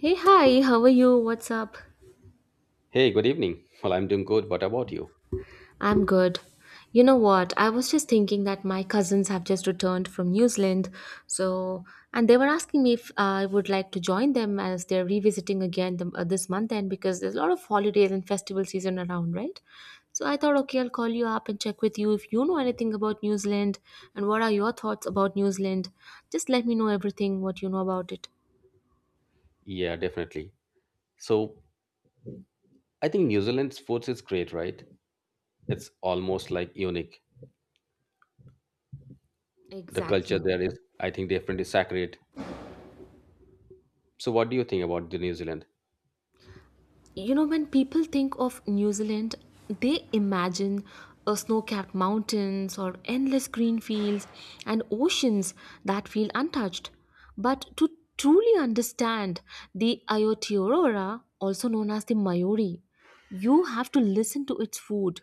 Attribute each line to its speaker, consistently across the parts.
Speaker 1: Hey, hi, how are you? What's up?
Speaker 2: Hey, good evening. Well, I'm doing good. What about you?
Speaker 1: I'm good. You know what? I was just thinking that my cousins have just returned from New Zealand, so and they were asking me if I would like to join them as they're revisiting again this month end because there's a lot of holidays and festival season around, right? So I thought, okay, I'll call you up and check with you if you know anything about New Zealand and what are your thoughts about New Zealand. Just let me know everything what you know about it.
Speaker 2: Yeah, definitely. So, I think New Zealand's food is great, right? It's almost like unique. The culture
Speaker 1: Exactly.
Speaker 2: there is, I think, different is sacred. So, what do you think about the New Zealand?
Speaker 1: You know when people think of New Zealand, they imagine snow-capped mountains or endless green fields and oceans that feel untouched. But to truly understand the Aotearoa, also known as the Maori, you have to listen to its food,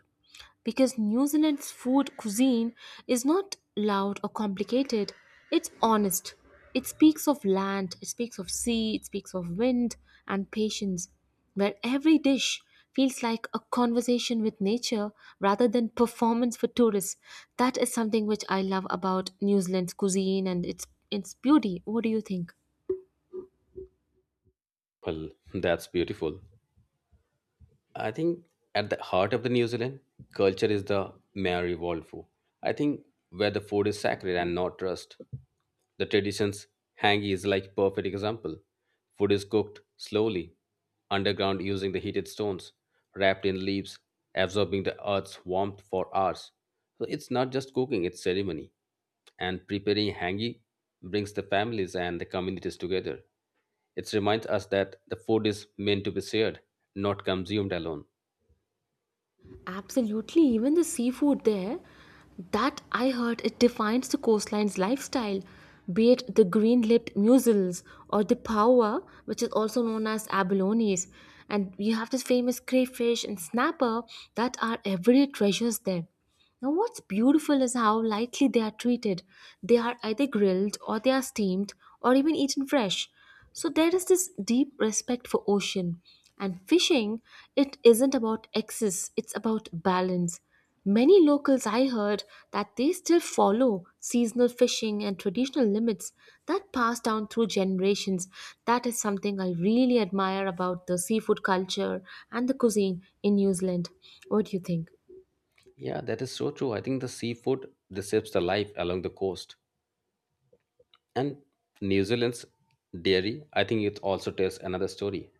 Speaker 1: because New Zealand's food cuisine is not loud or complicated. It's honest. It speaks of land, it speaks of sea, it speaks of wind and patience, where every dish feels like a conversation with nature rather than performance for tourists. That is something which I love about New Zealand's cuisine and its beauty. What do you think?
Speaker 2: Well, that's beautiful. I think at the heart of the New Zealand culture is the Maori world, I think, where the food is sacred and not trust. The traditions, hangi is like perfect example. Food is cooked slowly, underground using the heated stones, wrapped in leaves, absorbing the earth's warmth for hours. So it's not just cooking, it's ceremony. And preparing hangi brings the families and the communities together. It reminds us that the food is meant to be shared, not consumed alone.
Speaker 1: Absolutely, even the seafood there, that I heard it defines the coastline's lifestyle, be it the green lipped mussels or the pawa, which is also known as abalones. And you have this famous crayfish and snapper that are everyday treasures there. Now, what's beautiful is how lightly they are treated. They are either grilled or they are steamed or even eaten fresh. So there is this deep respect for ocean. And fishing, it isn't about excess, it's about balance. Many locals I heard that they still follow seasonal fishing and traditional limits that pass down through generations. That is something I really admire about the seafood culture and the cuisine in New Zealand. What do you think?
Speaker 2: Yeah, that is so true. I think the seafood receives the life along the coast. And New Zealand's dairy, I think it also tells another story.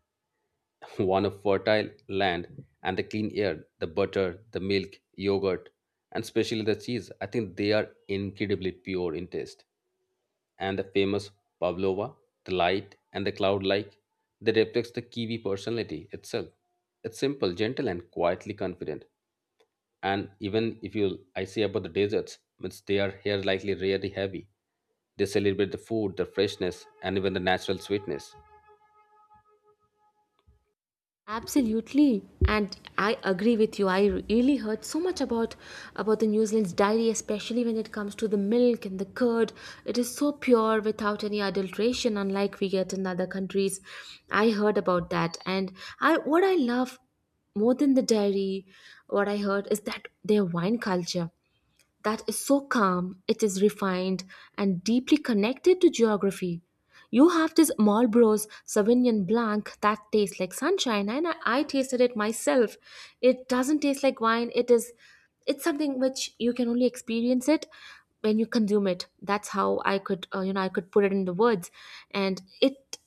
Speaker 2: One of fertile land and the clean air, the butter, the milk, yogurt, and especially the cheese. I think they are incredibly pure in taste. And the famous pavlova, the light and the cloud like, that reflects the Kiwi personality itself. It's simple, gentle, and quietly confident. And even if you I say about the deserts, means they are here likely really heavy, they celebrate the food, the freshness, and even the natural sweetness.
Speaker 1: Absolutely, and I agree with you. I really heard so much about the New Zealand's dairy, especially when it comes to the milk and the curd. It is so pure without any adulteration, unlike we get in other countries. I heard about that, and I what I love more than the dairy, what I heard is that their wine culture that is so calm, it is refined and deeply connected to geography. You have this Marlboro's Sauvignon Blanc that tastes like sunshine, and I tasted it myself. It doesn't taste like wine. It is, it's something which you can only experience it when you consume it. That's how I could, I could put it in the words, and it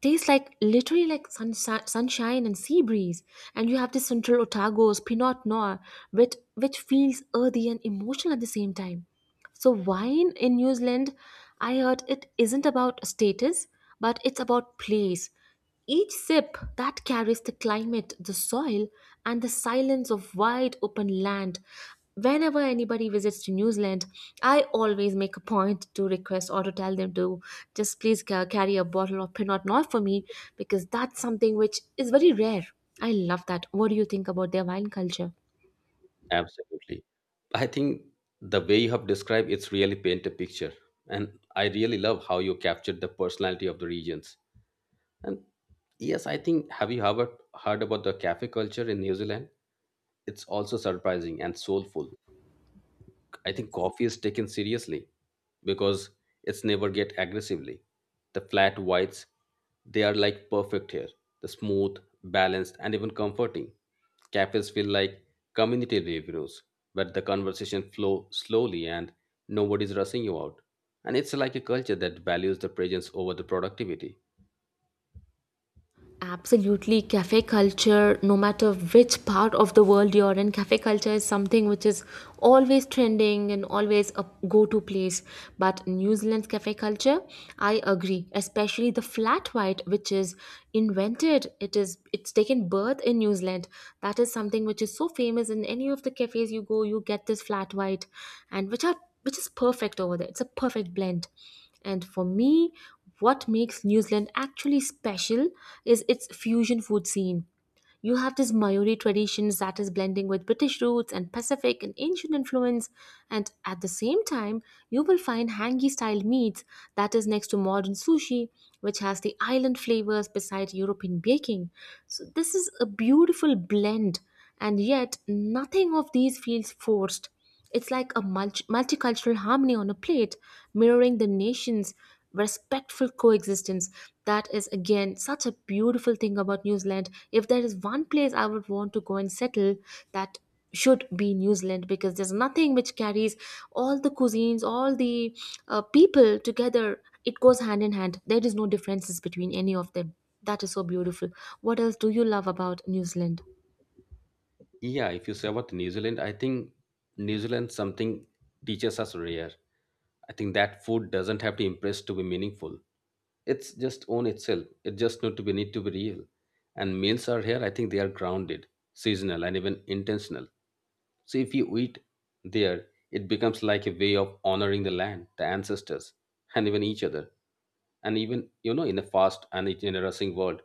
Speaker 1: tastes like literally like sunshine and sea breeze. And you have this Central Otago's Pinot Noir, which feels earthy and emotional at the same time. So wine in New Zealand, I heard it isn't about status, but it's about place. Each sip that carries the climate, the soil, and the silence of wide open land. Whenever anybody visits to New Zealand, I always make a point to request or to tell them to just please carry a bottle of Pinot Noir for me, because that's something which is very rare. I love that. What do you think about their wine culture?
Speaker 2: Absolutely, I think the way you have described it's really paint a picture. And I really love how you captured the personality of the regions. And yes, I think, have you ever heard about the cafe culture in New Zealand? It's also surprising and soulful. I think
Speaker 1: Yes.
Speaker 2: coffee is taken seriously because it's never get aggressively. The flat whites, they are like perfect here. The smooth, balanced, and even comforting. Cafes feel like community reviews where the conversation flow slowly and nobody's rushing you out. And it's like a culture that values the presence over the productivity.
Speaker 1: Absolutely, cafe culture, no matter which part of the world you're in, cafe culture is something which is always trending and always a go to place. But New Zealand's cafe culture, I agree, especially the flat white, which is invented, it is it's taken birth in New Zealand. That is something which is so famous in any of the cafes you go, you get this flat white and which are which is perfect over there. It's a perfect blend. And for me, what makes New Zealand actually special is its fusion food scene. You have this Maori traditions that is blending with British roots and Pacific and ancient influence, and at the same time, you will find hangi style meats that is next to modern sushi, which has the island flavors beside European baking. So, this is a beautiful blend, and yet nothing of these feels forced. It's like a multicultural harmony on a plate, mirroring the nation's respectful coexistence. That is, again, such a beautiful thing about New Zealand. If there is one place I would want to go and settle, that should be New Zealand because there's nothing which carries all the cuisines, all the people together. It goes hand in hand. There is no differences between any of them. That is so beautiful. What else do you love about New Zealand?
Speaker 2: Yeah, if you say about New Zealand, I think New Zealand something teaches us rare. I think that food doesn't have to impress to be meaningful. It's just own itself. It just need to be real. And meals are here. I think they are grounded, seasonal, and even intentional. So if you eat there, it becomes like a way of honoring the land, the ancestors, and even each other. And even, you know, in a fast and in a rushing world,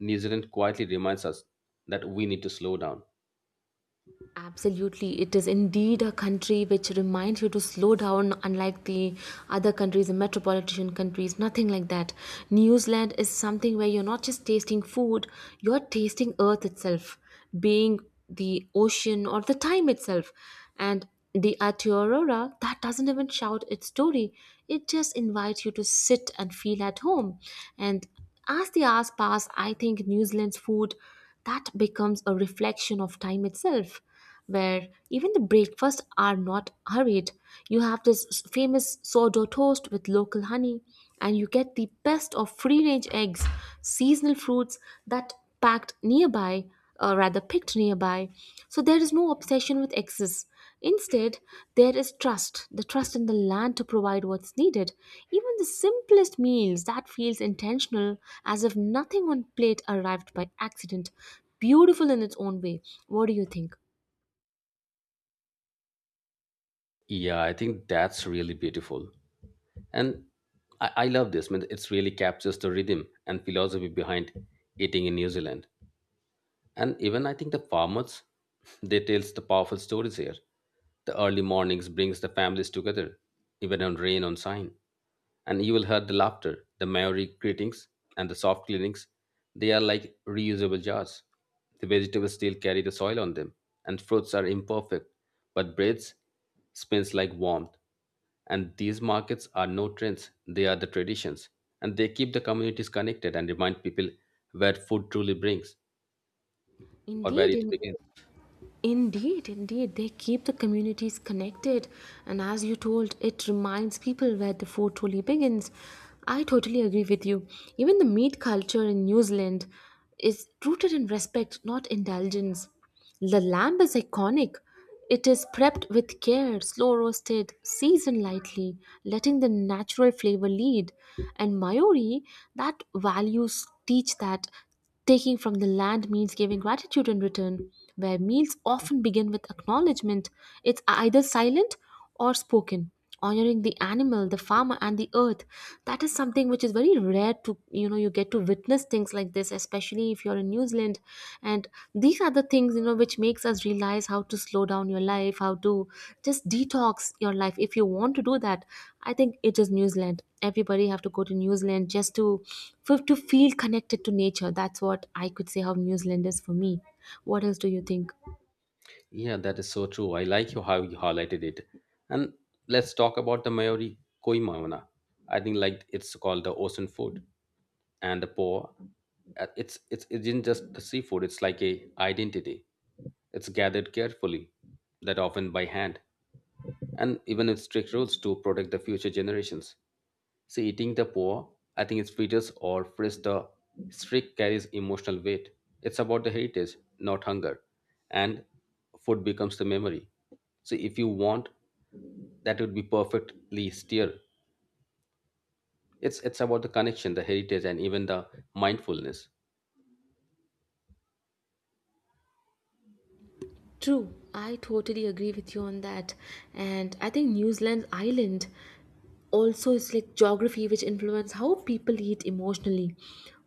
Speaker 2: New Zealand quietly reminds us that we need to slow down.
Speaker 1: Absolutely. It is indeed a country which reminds you to slow down, unlike the other countries, the metropolitan countries, nothing like that. New Zealand is something where you're not just tasting food, you're tasting earth itself, being the ocean or the time itself. And the Aotearoa, that doesn't even shout its story. It just invites you to sit and feel at home. And as the hours pass, I think New Zealand's food that becomes a reflection of time itself, where even the breakfasts are not hurried. You have this famous sourdough toast with local honey, and you get the best of free range eggs, seasonal fruits that packed nearby, or rather picked nearby. So there is no obsession with excess. Instead, there is trust in the land to provide what's needed. Even the simplest meals that feels intentional, as if nothing on plate arrived by accident. Beautiful in its own way. What do you think?
Speaker 2: Yeah, I think that's really beautiful. And I love this. I mean, it's really captures the rhythm and philosophy behind eating in New Zealand. And even I think the farmers, they tells the powerful stories here. The early mornings brings the families together, even on rain on sign. And you will hear the laughter, the merry greetings, and the soft cleanings. They are like reusable jars. The vegetables still carry the soil on them, and fruits are imperfect, but breads spins like warmth. And these markets are no trends, they are the traditions. And they keep the communities connected and remind people where food truly brings or where
Speaker 1: Indeed,
Speaker 2: it
Speaker 1: in
Speaker 2: begins.
Speaker 1: Indeed, indeed, they keep the communities connected, and as you told, it reminds people where the food truly begins. I totally agree with you. Even the meat culture in New Zealand is rooted in respect, not indulgence. The lamb is iconic. It is prepped with care, slow roasted, seasoned lightly, letting the natural flavor lead. And Maori, that values teach that taking from the land means giving gratitude in return, where meals often begin with acknowledgement. It's either silent or spoken, honoring the animal, the farmer, and the earth. That is something which is very rare to you know you get to witness things like this, especially if you're in New Zealand, and these are the things you know which makes us realize how to slow down your life, how to just detox your life. If you want to do that, I think it is New Zealand. Everybody have to go to New Zealand just to for, to feel connected to nature. That's what I could say how New Zealand is for me. What else do you think?
Speaker 2: Yeah, that is so true. I like you how you highlighted it. And let's talk about the Maori koi mauna. I think like it's called the ocean food and the po. It's it isn't just the seafood. It's like a identity. It's gathered carefully, that often by hand, and even with strict rules to protect the future generations. See, eating the poor, I think it's features or phrase the streak carries emotional weight. It's about the heritage, not hunger. And food becomes the memory. So if you want, that would be perfectly steer. It's about the connection, the heritage, and even the mindfulness.
Speaker 1: True, I totally agree with you on that. And I think New Zealand's island also it's like geography which influence how people eat emotionally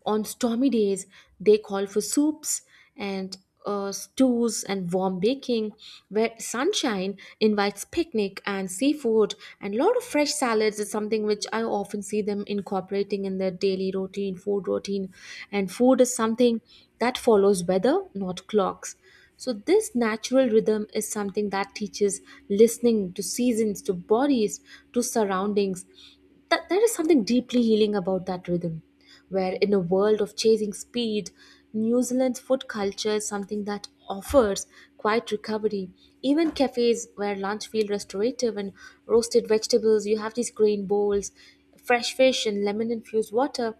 Speaker 1: on stormy days they call for soups and stews and warm baking, where sunshine invites picnic and seafood and a lot of fresh salads is something which I often see them incorporating in their daily routine food routine. And food is something that follows weather not clocks. So, this natural rhythm is something that teaches listening to seasons, to bodies, to surroundings. That, there is something deeply healing about that rhythm, where in a world of chasing speed, New Zealand's food culture is something that offers quiet recovery. Even cafes where lunch feel restorative and roasted vegetables, you have these grain bowls, fresh fish, and lemon infused water.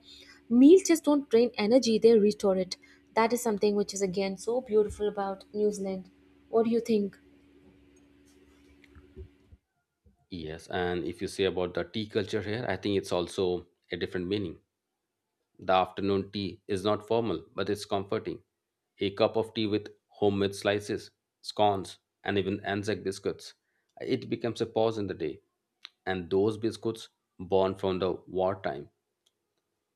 Speaker 1: Meals just don't drain energy, they restore it. That is something which is again so beautiful about New Zealand. What do you think?
Speaker 2: Yes, and if you say about the tea culture here, I think it's also a different meaning. The afternoon tea is not formal, but it's comforting. A cup of tea with homemade slices, scones, and even Anzac biscuits. It becomes a pause in the day. And those biscuits born from the wartime,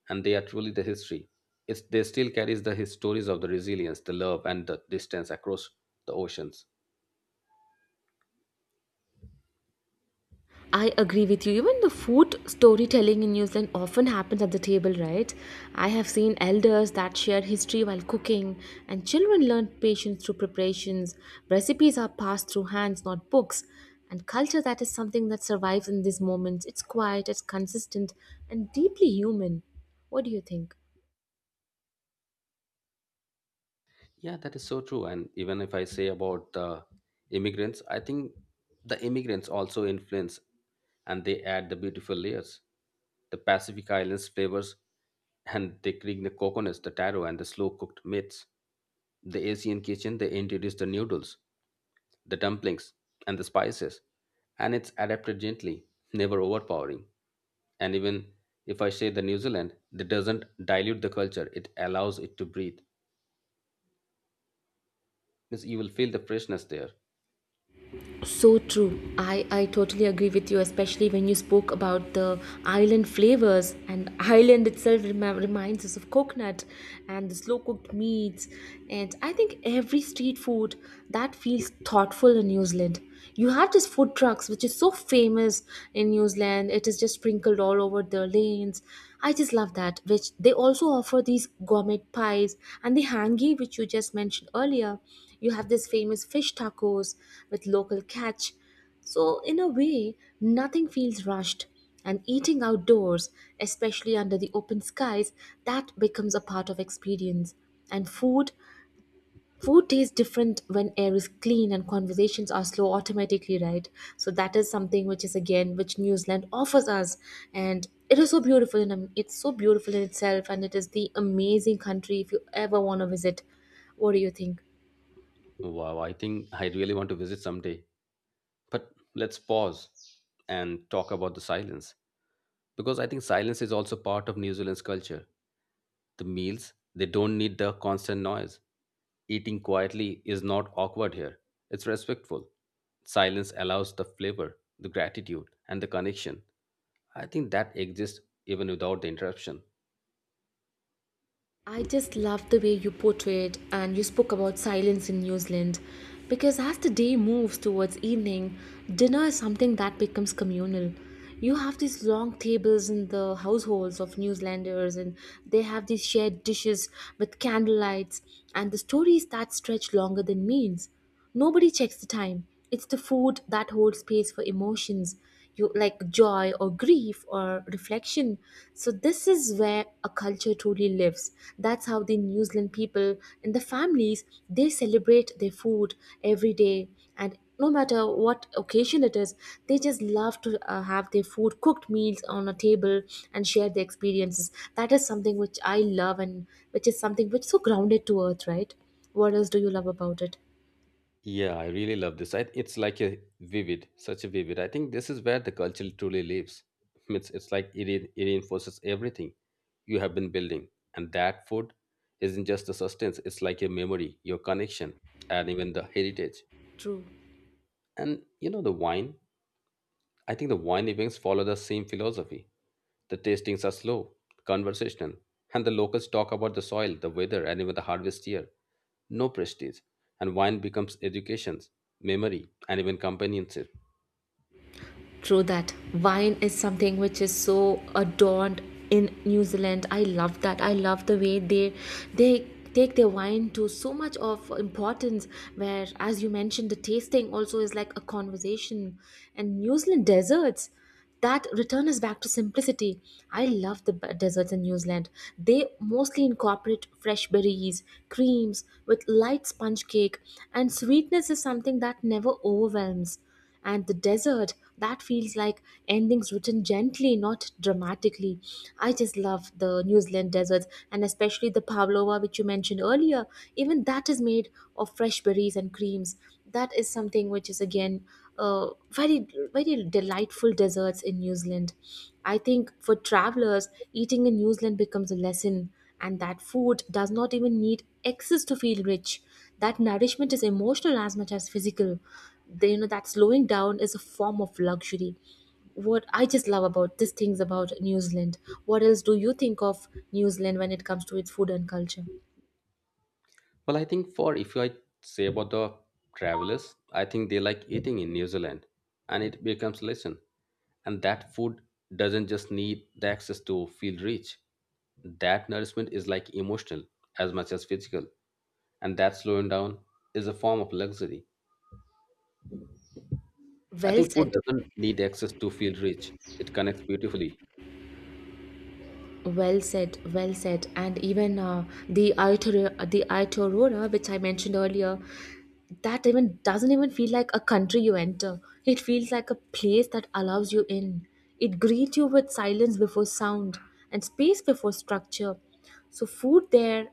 Speaker 2: and they are truly the history. It's, they still carries the his stories of the resilience, the love, and the distance across the oceans.
Speaker 1: I agree with you. Even the food storytelling in New Zealand often happens at the table, right? I have seen elders that share history while cooking, and children learn patience through preparations. Recipes are passed through hands, not books. And culture that is something that survives in these moments. It's quiet, it's consistent, and deeply human. What do you think?
Speaker 2: Yeah, that is so true. And even if I say about the immigrants, I think the immigrants also influence and they add the beautiful layers. The Pacific Islands flavors, and they create the coconuts, the taro, and the slow cooked meats. The Asian kitchen, they introduce the noodles, the dumplings, and the spices. And it's adapted gently, never overpowering. And even if I say the New Zealand, that doesn't dilute the culture, it allows it to breathe, because you will feel the freshness there.
Speaker 1: So true. I totally agree with you, especially when you spoke about the island flavors. And island itself reminds us of coconut and the slow cooked meats. And I think every street food that feels thoughtful in New Zealand. You have this food trucks, which is so famous in New Zealand. It is just sprinkled all over the lanes. I just love that. Which they also offer these gourmet pies and the hangi, which you just mentioned earlier. You have this famous fish tacos with local catch. So, in a way, nothing feels rushed. And eating outdoors, especially under the open skies, that becomes a part of experience. And food, food tastes different when air is clean and conversations are slow automatically, right? So that is something which is again which New Zealand offers us, and it is so beautiful and it's so beautiful in itself, and it is the amazing country if you ever want to visit. What do you think?
Speaker 2: Wow, I think I really want to visit someday. But let's pause and talk about the silence, because I think silence is also part of New Zealand's culture. The meals, they don't need the constant noise. Eating quietly is not awkward here, it's respectful. Silence allows the flavor, the gratitude, and the connection. I think that exists even without the interruption.
Speaker 1: I just love the way you portrayed and you spoke about silence in New Zealand because as the day moves towards evening, dinner is something that becomes communal. You have these long tables in the households of New Zealanders and they have these shared dishes with candlelights and the stories that stretch longer than meals. Nobody checks the time. It's the food that holds space for emotions, you like joy or grief or reflection. So this is where a culture truly lives. That's how the New Zealand people and the families they celebrate their food every day and no matter what occasion it is, they just love to have their food cooked meals on a table and share their experiences. That is something which I love and which is something which is so grounded to earth, right? What else do you love about it?
Speaker 2: Yeah, I really love this. I, it's like a vivid, such a vivid. I think this is where the culture truly lives. It's like it, it reinforces everything you have been building. And that food isn't just a sustenance, it's like your memory, your connection, and even the heritage.
Speaker 1: True,
Speaker 2: And you know, the wine. I think the wine events follow the same philosophy. The tastings are slow, conversational, and the locals talk about the soil, the weather, and even the harvest year. No prestige, and wine becomes education, memory, and even companionship.
Speaker 1: true that. Wine is something which is so adorned in New Zealand. I love that. I love the way they take their wine to so much of importance where as you mentioned the tasting also is like a conversation and New Zealand desserts that return us back to simplicity. I love the desserts in New Zealand. They mostly incorporate fresh berries, creams with light sponge cake, and sweetness is something that never overwhelms. And the desert that feels like endings written gently, not dramatically. I just love the New Zealand deserts, and especially the pavlova which you mentioned earlier. Even that is made of fresh berries and creams. That is something which is again very very delightful desserts in New Zealand. I think for travelers eating in New Zealand becomes a lesson, and that food does not even need excess to feel rich, that nourishment is emotional as much as physical, the, you know that slowing down is a form of luxury. What I just love about these things about New Zealand, what else do you think of New Zealand when it comes to its food and culture?
Speaker 2: Well, I think for if I say about the travelers, I think they like eating in New Zealand and it becomes lesson. And that food doesn't just need the access to feel rich. That nourishment is like emotional as much as physical. And that slowing down is a form of luxury. I
Speaker 1: Well
Speaker 2: think
Speaker 1: said,
Speaker 2: food doesn't need access to feel rich. It connects beautifully.
Speaker 1: well said. Well said and even the Aotearoa which I mentioned earlier, that even doesn't even feel like a country you enter. It feels like a place that allows you in. It greets you with silence before sound and space before structure. So, food there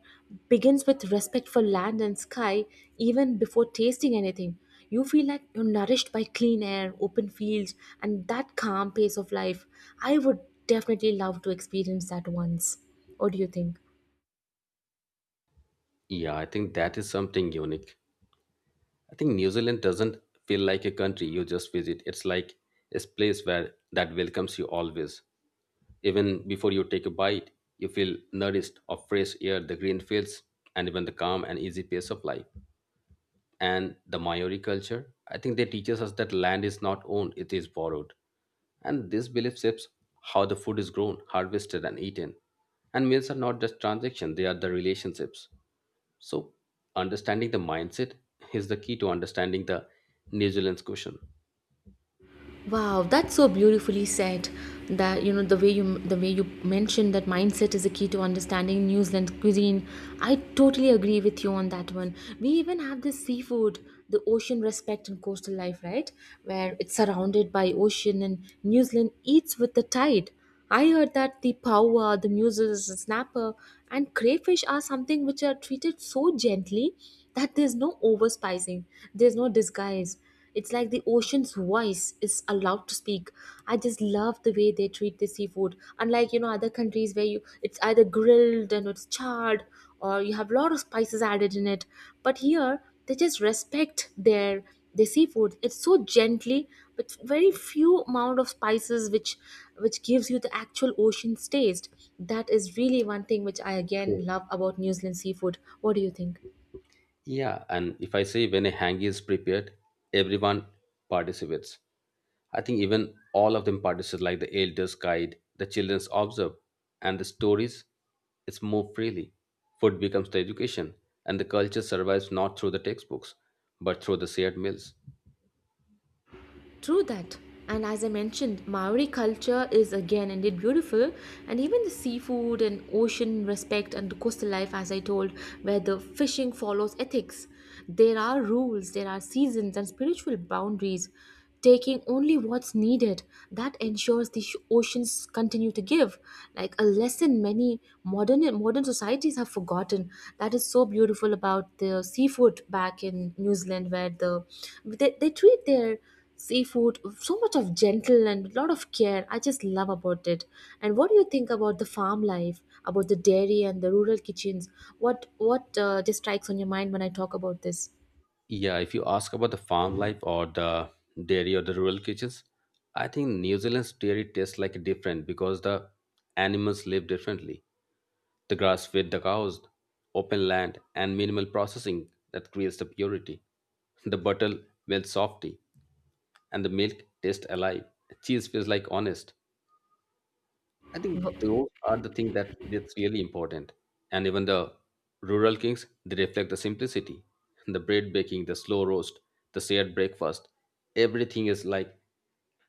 Speaker 1: begins with respect for land and sky even before tasting anything. You feel like you're nourished by clean air, open fields, and that calm pace of life. I would definitely love to experience that once. What do you think?
Speaker 2: Yeah, I think that is something unique. I think New Zealand doesn't feel like a country you just visit. It's like a place where that welcomes you always. Even before you take a bite, you feel nourished of fresh air, the green fields, and even the calm and easy pace of life. And the Maori culture, I think they teaches us that land is not owned, it is borrowed. And this belief shapes how the food is grown, harvested, and eaten. And meals are not just transactions, they are the relationships. So, understanding the mindset is the key to understanding the New Zealand's question.
Speaker 1: Wow, that's so beautifully said. That you know, the way you mentioned that mindset is a key to understanding New Zealand cuisine. I totally agree with you on that one. We even have this seafood, the ocean respect and coastal life, right? Where it's surrounded by ocean and New Zealand eats with the tide. I heard that the paua, the mussels, the snapper, and crayfish are something which are treated so gently that there's no overspicing, there's no disguise. It's like the ocean's voice is allowed to speak. I just love the way they treat the seafood. Unlike you know other countries where you it's either grilled and it's charred, or you have a lot of spices added in it. But here they just respect their seafood. It's so gently but very few amount of spices which gives you the actual ocean's taste. That is really one thing which I again
Speaker 2: True.
Speaker 1: love about New Zealand seafood. What do you think?
Speaker 2: Yeah, and if I say when a hangi is prepared, everyone participates. I think even all of them participate, like the elders guide, the children observe, and the stories, it's more freely. Food becomes the education, and the culture survives not through the textbooks, but through the shared meals.
Speaker 1: True that. And as I mentioned, Maori culture is again indeed beautiful, and even the seafood and ocean respect and the coastal life, as I told, where the fishing follows ethics. There are rules, there are seasons, and spiritual boundaries. Taking only what's needed, that ensures the oceans continue to give, like a lesson many modern societies have forgotten. That is so beautiful about the seafood back in New Zealand, where they treat their seafood so much of gentle, and a lot of care I just love about it. And what do you think about the farm life, about the dairy and the rural kitchens? What just strikes on your mind when I talk about this?
Speaker 2: Yeah, if you ask about the farm life or the dairy or the rural kitchens, I think New Zealand's dairy tastes like different because the animals live differently. The grass fed the cows, open land, and minimal processing that creates the purity. The butter melts softly, and the milk tastes alive. Cheese feels like honest, I think
Speaker 1: W-
Speaker 2: those are the things that that's really important. And even the rural kings, they reflect the simplicity, the bread baking, the slow roast, the shared breakfast. Everything is like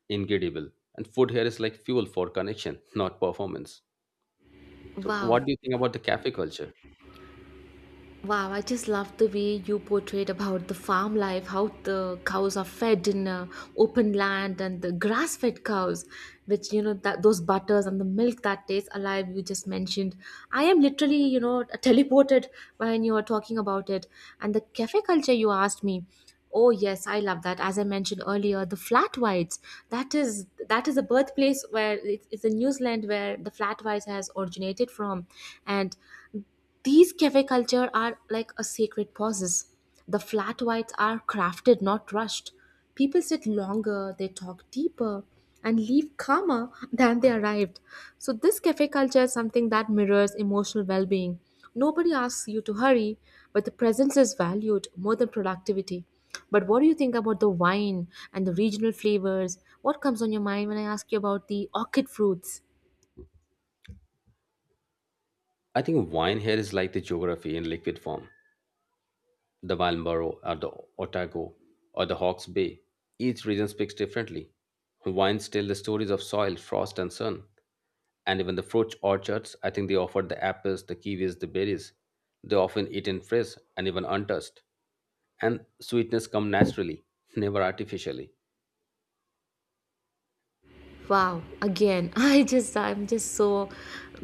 Speaker 2: incredible, and food here is like fuel for connection, not performance. So,
Speaker 1: wow
Speaker 2: what do you think about the cafe culture?
Speaker 1: Wow, I just love the way you portrayed about the farm life, how the cows are fed in open land and the grass-fed cows, which you know that those butters and the milk that tastes alive you just mentioned. I am literally, you know, teleported when you were talking about it. And the cafe culture you asked me, oh yes, I love that. As I mentioned earlier, the flat whites. That is a birthplace where it's a New Zealand where the flat whites has originated from, and these cafe culture are like a sacred pauses. The flat whites are crafted, not rushed. People sit longer, they talk deeper, and leave calmer than they arrived. So this cafe culture is something that mirrors emotional well-being. Nobody asks you to hurry, but the presence is valued more than productivity. But what do you think about the wine and the regional flavors? What comes on your mind when I ask you about the orchid fruits?
Speaker 2: I think wine here is like the geography in liquid form. The Walmaroo or the Otago or the Hawke's Bay. Each region speaks differently. Wines tell the stories of soil, frost, and sun. And even the fruit orchards. I think they offered the apples, the kiwis, the berries. They often eaten fresh and even untouched. And sweetness come naturally, never artificially.
Speaker 1: Wow, again, I'm just so,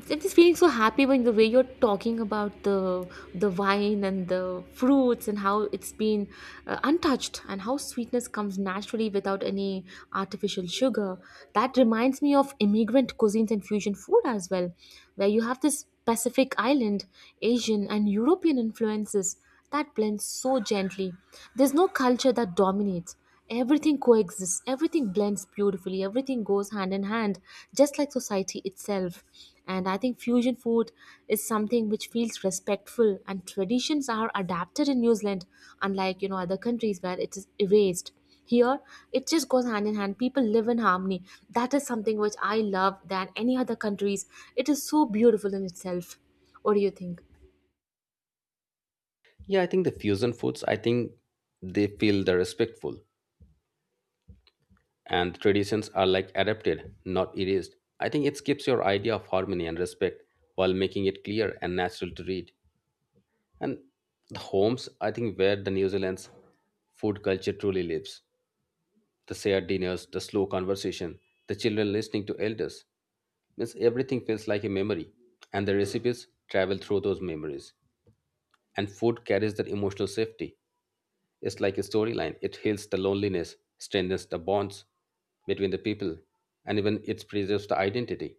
Speaker 1: I'm just feeling so happy when the way you're talking about the wine and the fruits and how it's been untouched and how sweetness comes naturally without any artificial sugar. That reminds me of immigrant cuisines and fusion food as well, where you have this Pacific Island, Asian and European influences that blends so gently. There's no culture that dominates. Everything coexists, everything blends beautifully, everything goes hand in hand, just like society itself. And I think fusion food is something which feels respectful, and traditions are adapted in New Zealand, unlike you know other countries where it is erased. Here, it just goes hand in hand. People live in harmony. That is something which I love than any other countries. It is so beautiful in itself. What do you think?
Speaker 2: Yeah, I think the fusion foods, I think they feel the respectful and traditions are like adapted, not erased. I think it keeps your idea of harmony and respect while making it clear and natural to read. And the homes, I think, where the New Zealand's food culture truly lives. The shared dinners, the slow conversation, the children listening to elders. Means everything feels like a memory, and the recipes travel through those memories. And food carries that emotional safety. It's like a storyline. It heals the loneliness, strengthens the bonds between the people, and even it preserves the identity.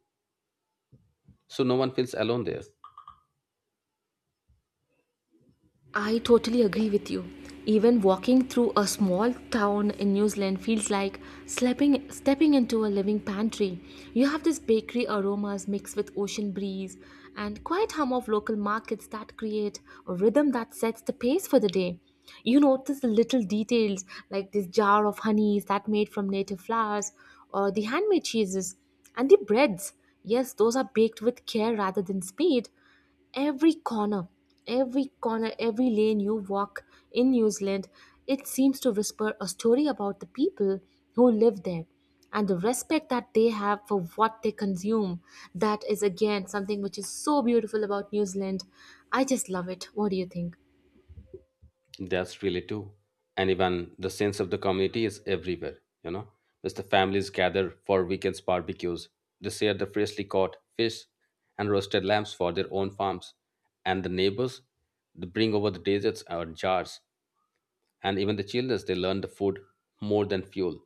Speaker 2: So no one feels alone there.
Speaker 1: I totally agree with you. Even walking through a small town in New Zealand feels like sleeping, stepping into a living pantry. You have this bakery aromas mixed with ocean breeze and quiet hum of local markets that create a rhythm that sets the pace for the day. You notice the little details like this jar of honey is that made from native flowers, or the handmade cheeses and the breads. Yes, those are baked with care rather than speed. every corner, every corner, every lane you walk in New Zealand, it seems to whisper a story about the people who live there and the respect that they have for what they consume. That is again something which is so beautiful about New Zealand. I just love it. What do you think?
Speaker 2: That's really true. And even the sense of the community is everywhere, you know. As the families gather for weekends barbecues, they share the freshly caught fish and roasted lambs for their own farms. And the neighbors, they bring over the desserts or jars, and even the children, they learn the food more than fuel.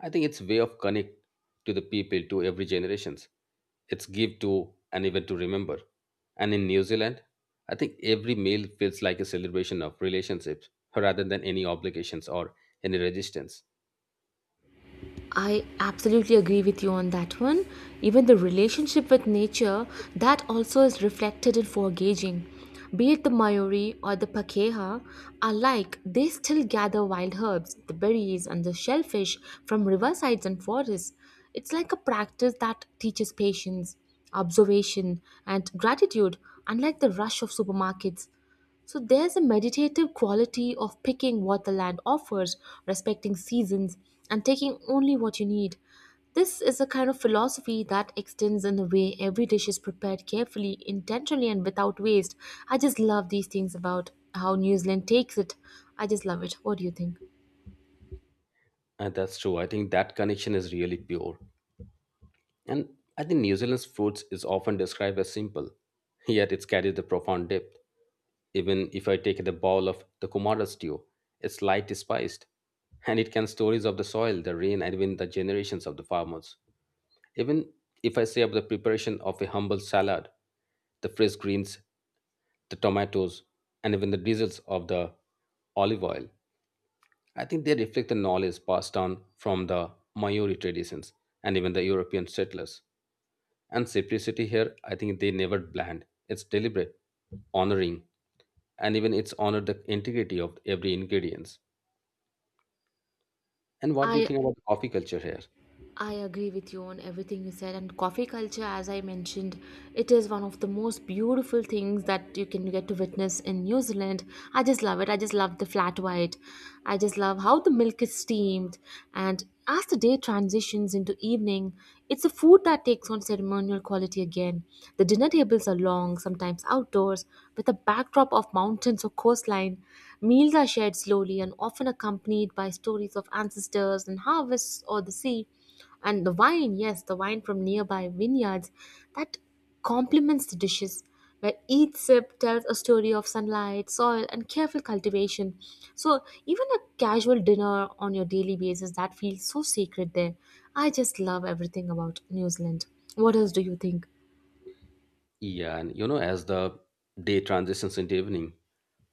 Speaker 2: I think it's way of connect to the people, to every generations, it's give to and even to remember. And in New Zealand, I think every meal feels like a celebration of relationships rather than any obligations or any resistance.
Speaker 1: I absolutely agree with you on that one. Even the relationship with nature, that also is reflected in foraging. Be it the Mayori or the Pakeha alike, they still gather wild herbs, the berries, and the shellfish from riversides and forests. It's like a practice that teaches patience, observation, and gratitude, unlike the rush of supermarkets. So there's a meditative quality of picking what the land offers, respecting seasons, and taking only what you need. This is a kind of philosophy that extends in the way every dish is prepared carefully, intentionally, and without waste. I just love these things about how New Zealand takes it. I just love it. What do you think?
Speaker 2: And that's true, I think that connection is really pure. And I think New Zealand's foods is often described as simple, yet it carries the profound depth. Even if I take the bowl of the Kumara stew, it's light spiced, and it can stories of the soil, the rain, and even the generations of the farmers. Even if I say of the preparation of a humble salad, the fresh greens, the tomatoes, and even the drizzles of the olive oil, I think they reflect the knowledge passed down from the Maori traditions and even the European settlers. And simplicity here, I think they never bland. It's deliberate, honoring, and even it's honored the integrity of every ingredients. And what do you
Speaker 1: I
Speaker 2: think about the coffee culture here?
Speaker 1: I agree with you on everything you said. And coffee culture, as I mentioned, it is one of the most beautiful things that you can get to witness in New Zealand. I just love it. I just love the flat white. I just love how the milk is steamed. And as the day transitions into evening, it's a food that takes on ceremonial quality again. The dinner tables are long, sometimes outdoors, with a backdrop of mountains or coastline. Meals are shared slowly and often accompanied by stories of ancestors and harvests or the sea, and the wine, yes the wine from nearby vineyards that complements the dishes, where each sip tells a story of sunlight, soil and careful cultivation. So even a casual dinner on your daily basis that feels so sacred there. I just love everything about New Zealand. What else do you think?
Speaker 2: Yeah, and you know, as the day transitions into evening,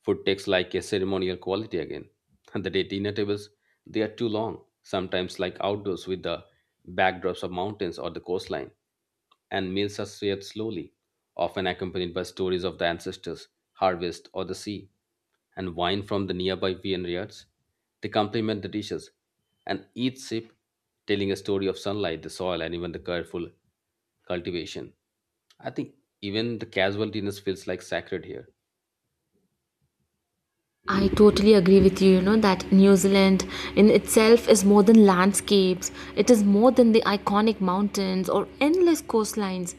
Speaker 2: food takes like a ceremonial quality again. And the day dinner tables, they are too long, sometimes like outdoors with the backdrops of mountains or the coastline. And meals are shared slowly, often accompanied by stories of the ancestors, harvest, or the sea. And wine from the nearby vineyards. They complement the dishes, and each sip telling a story of sunlight, the soil, and even the careful cultivation. I think even the casual dinners feels like sacred here.
Speaker 1: I totally agree with you, you know, that New Zealand in itself is more than landscapes, it is more than the iconic mountains or endless coastlines.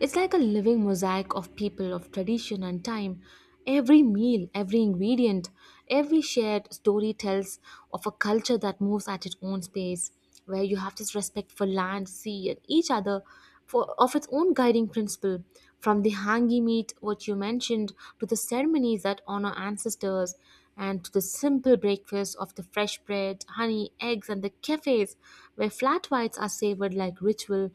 Speaker 1: It's like a living mosaic of people, of tradition and time. Every meal, every ingredient, every shared story tells of a culture that moves at its own pace, where you have this respect for land, sea, and each other, for, of its own guiding principle. From the hangi meat, what you mentioned, to the ceremonies that honor ancestors, and to the simple breakfast of the fresh bread, honey, eggs, and the cafes, where flat whites are savored like ritual,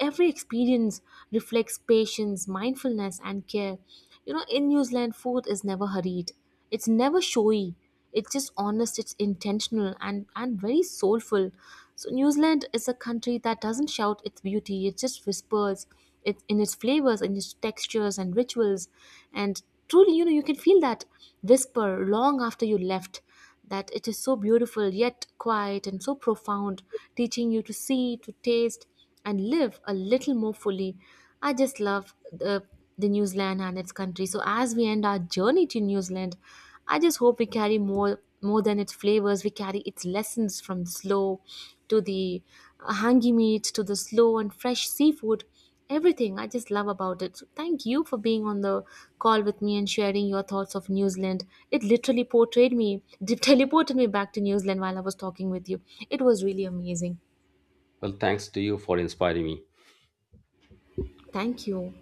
Speaker 1: every experience reflects patience, mindfulness, and care. You know, in New Zealand, food is never hurried, it's never showy, it's just honest, it's intentional and very soulful. So New Zealand is a country that doesn't shout its beauty, it just whispers it in its flavors, in its textures and rituals. And truly you know you can feel that whisper long after you left. That it is so beautiful yet quiet and so profound, teaching you to see, to taste, and live a little more fully. I just love the New Zealand and its country. So as we end our journey to New Zealand, I just hope we carry more than its flavors. We carry its lessons, from the slow to the hangi meat to the slow and fresh seafood. Everything I just love about it. So thank you for being on the call with me and sharing your thoughts of New Zealand. It literally portrayed me, teleported me back to New Zealand while I was talking with you. It was really amazing.
Speaker 2: Well, thanks to you for inspiring me.
Speaker 1: Thank you.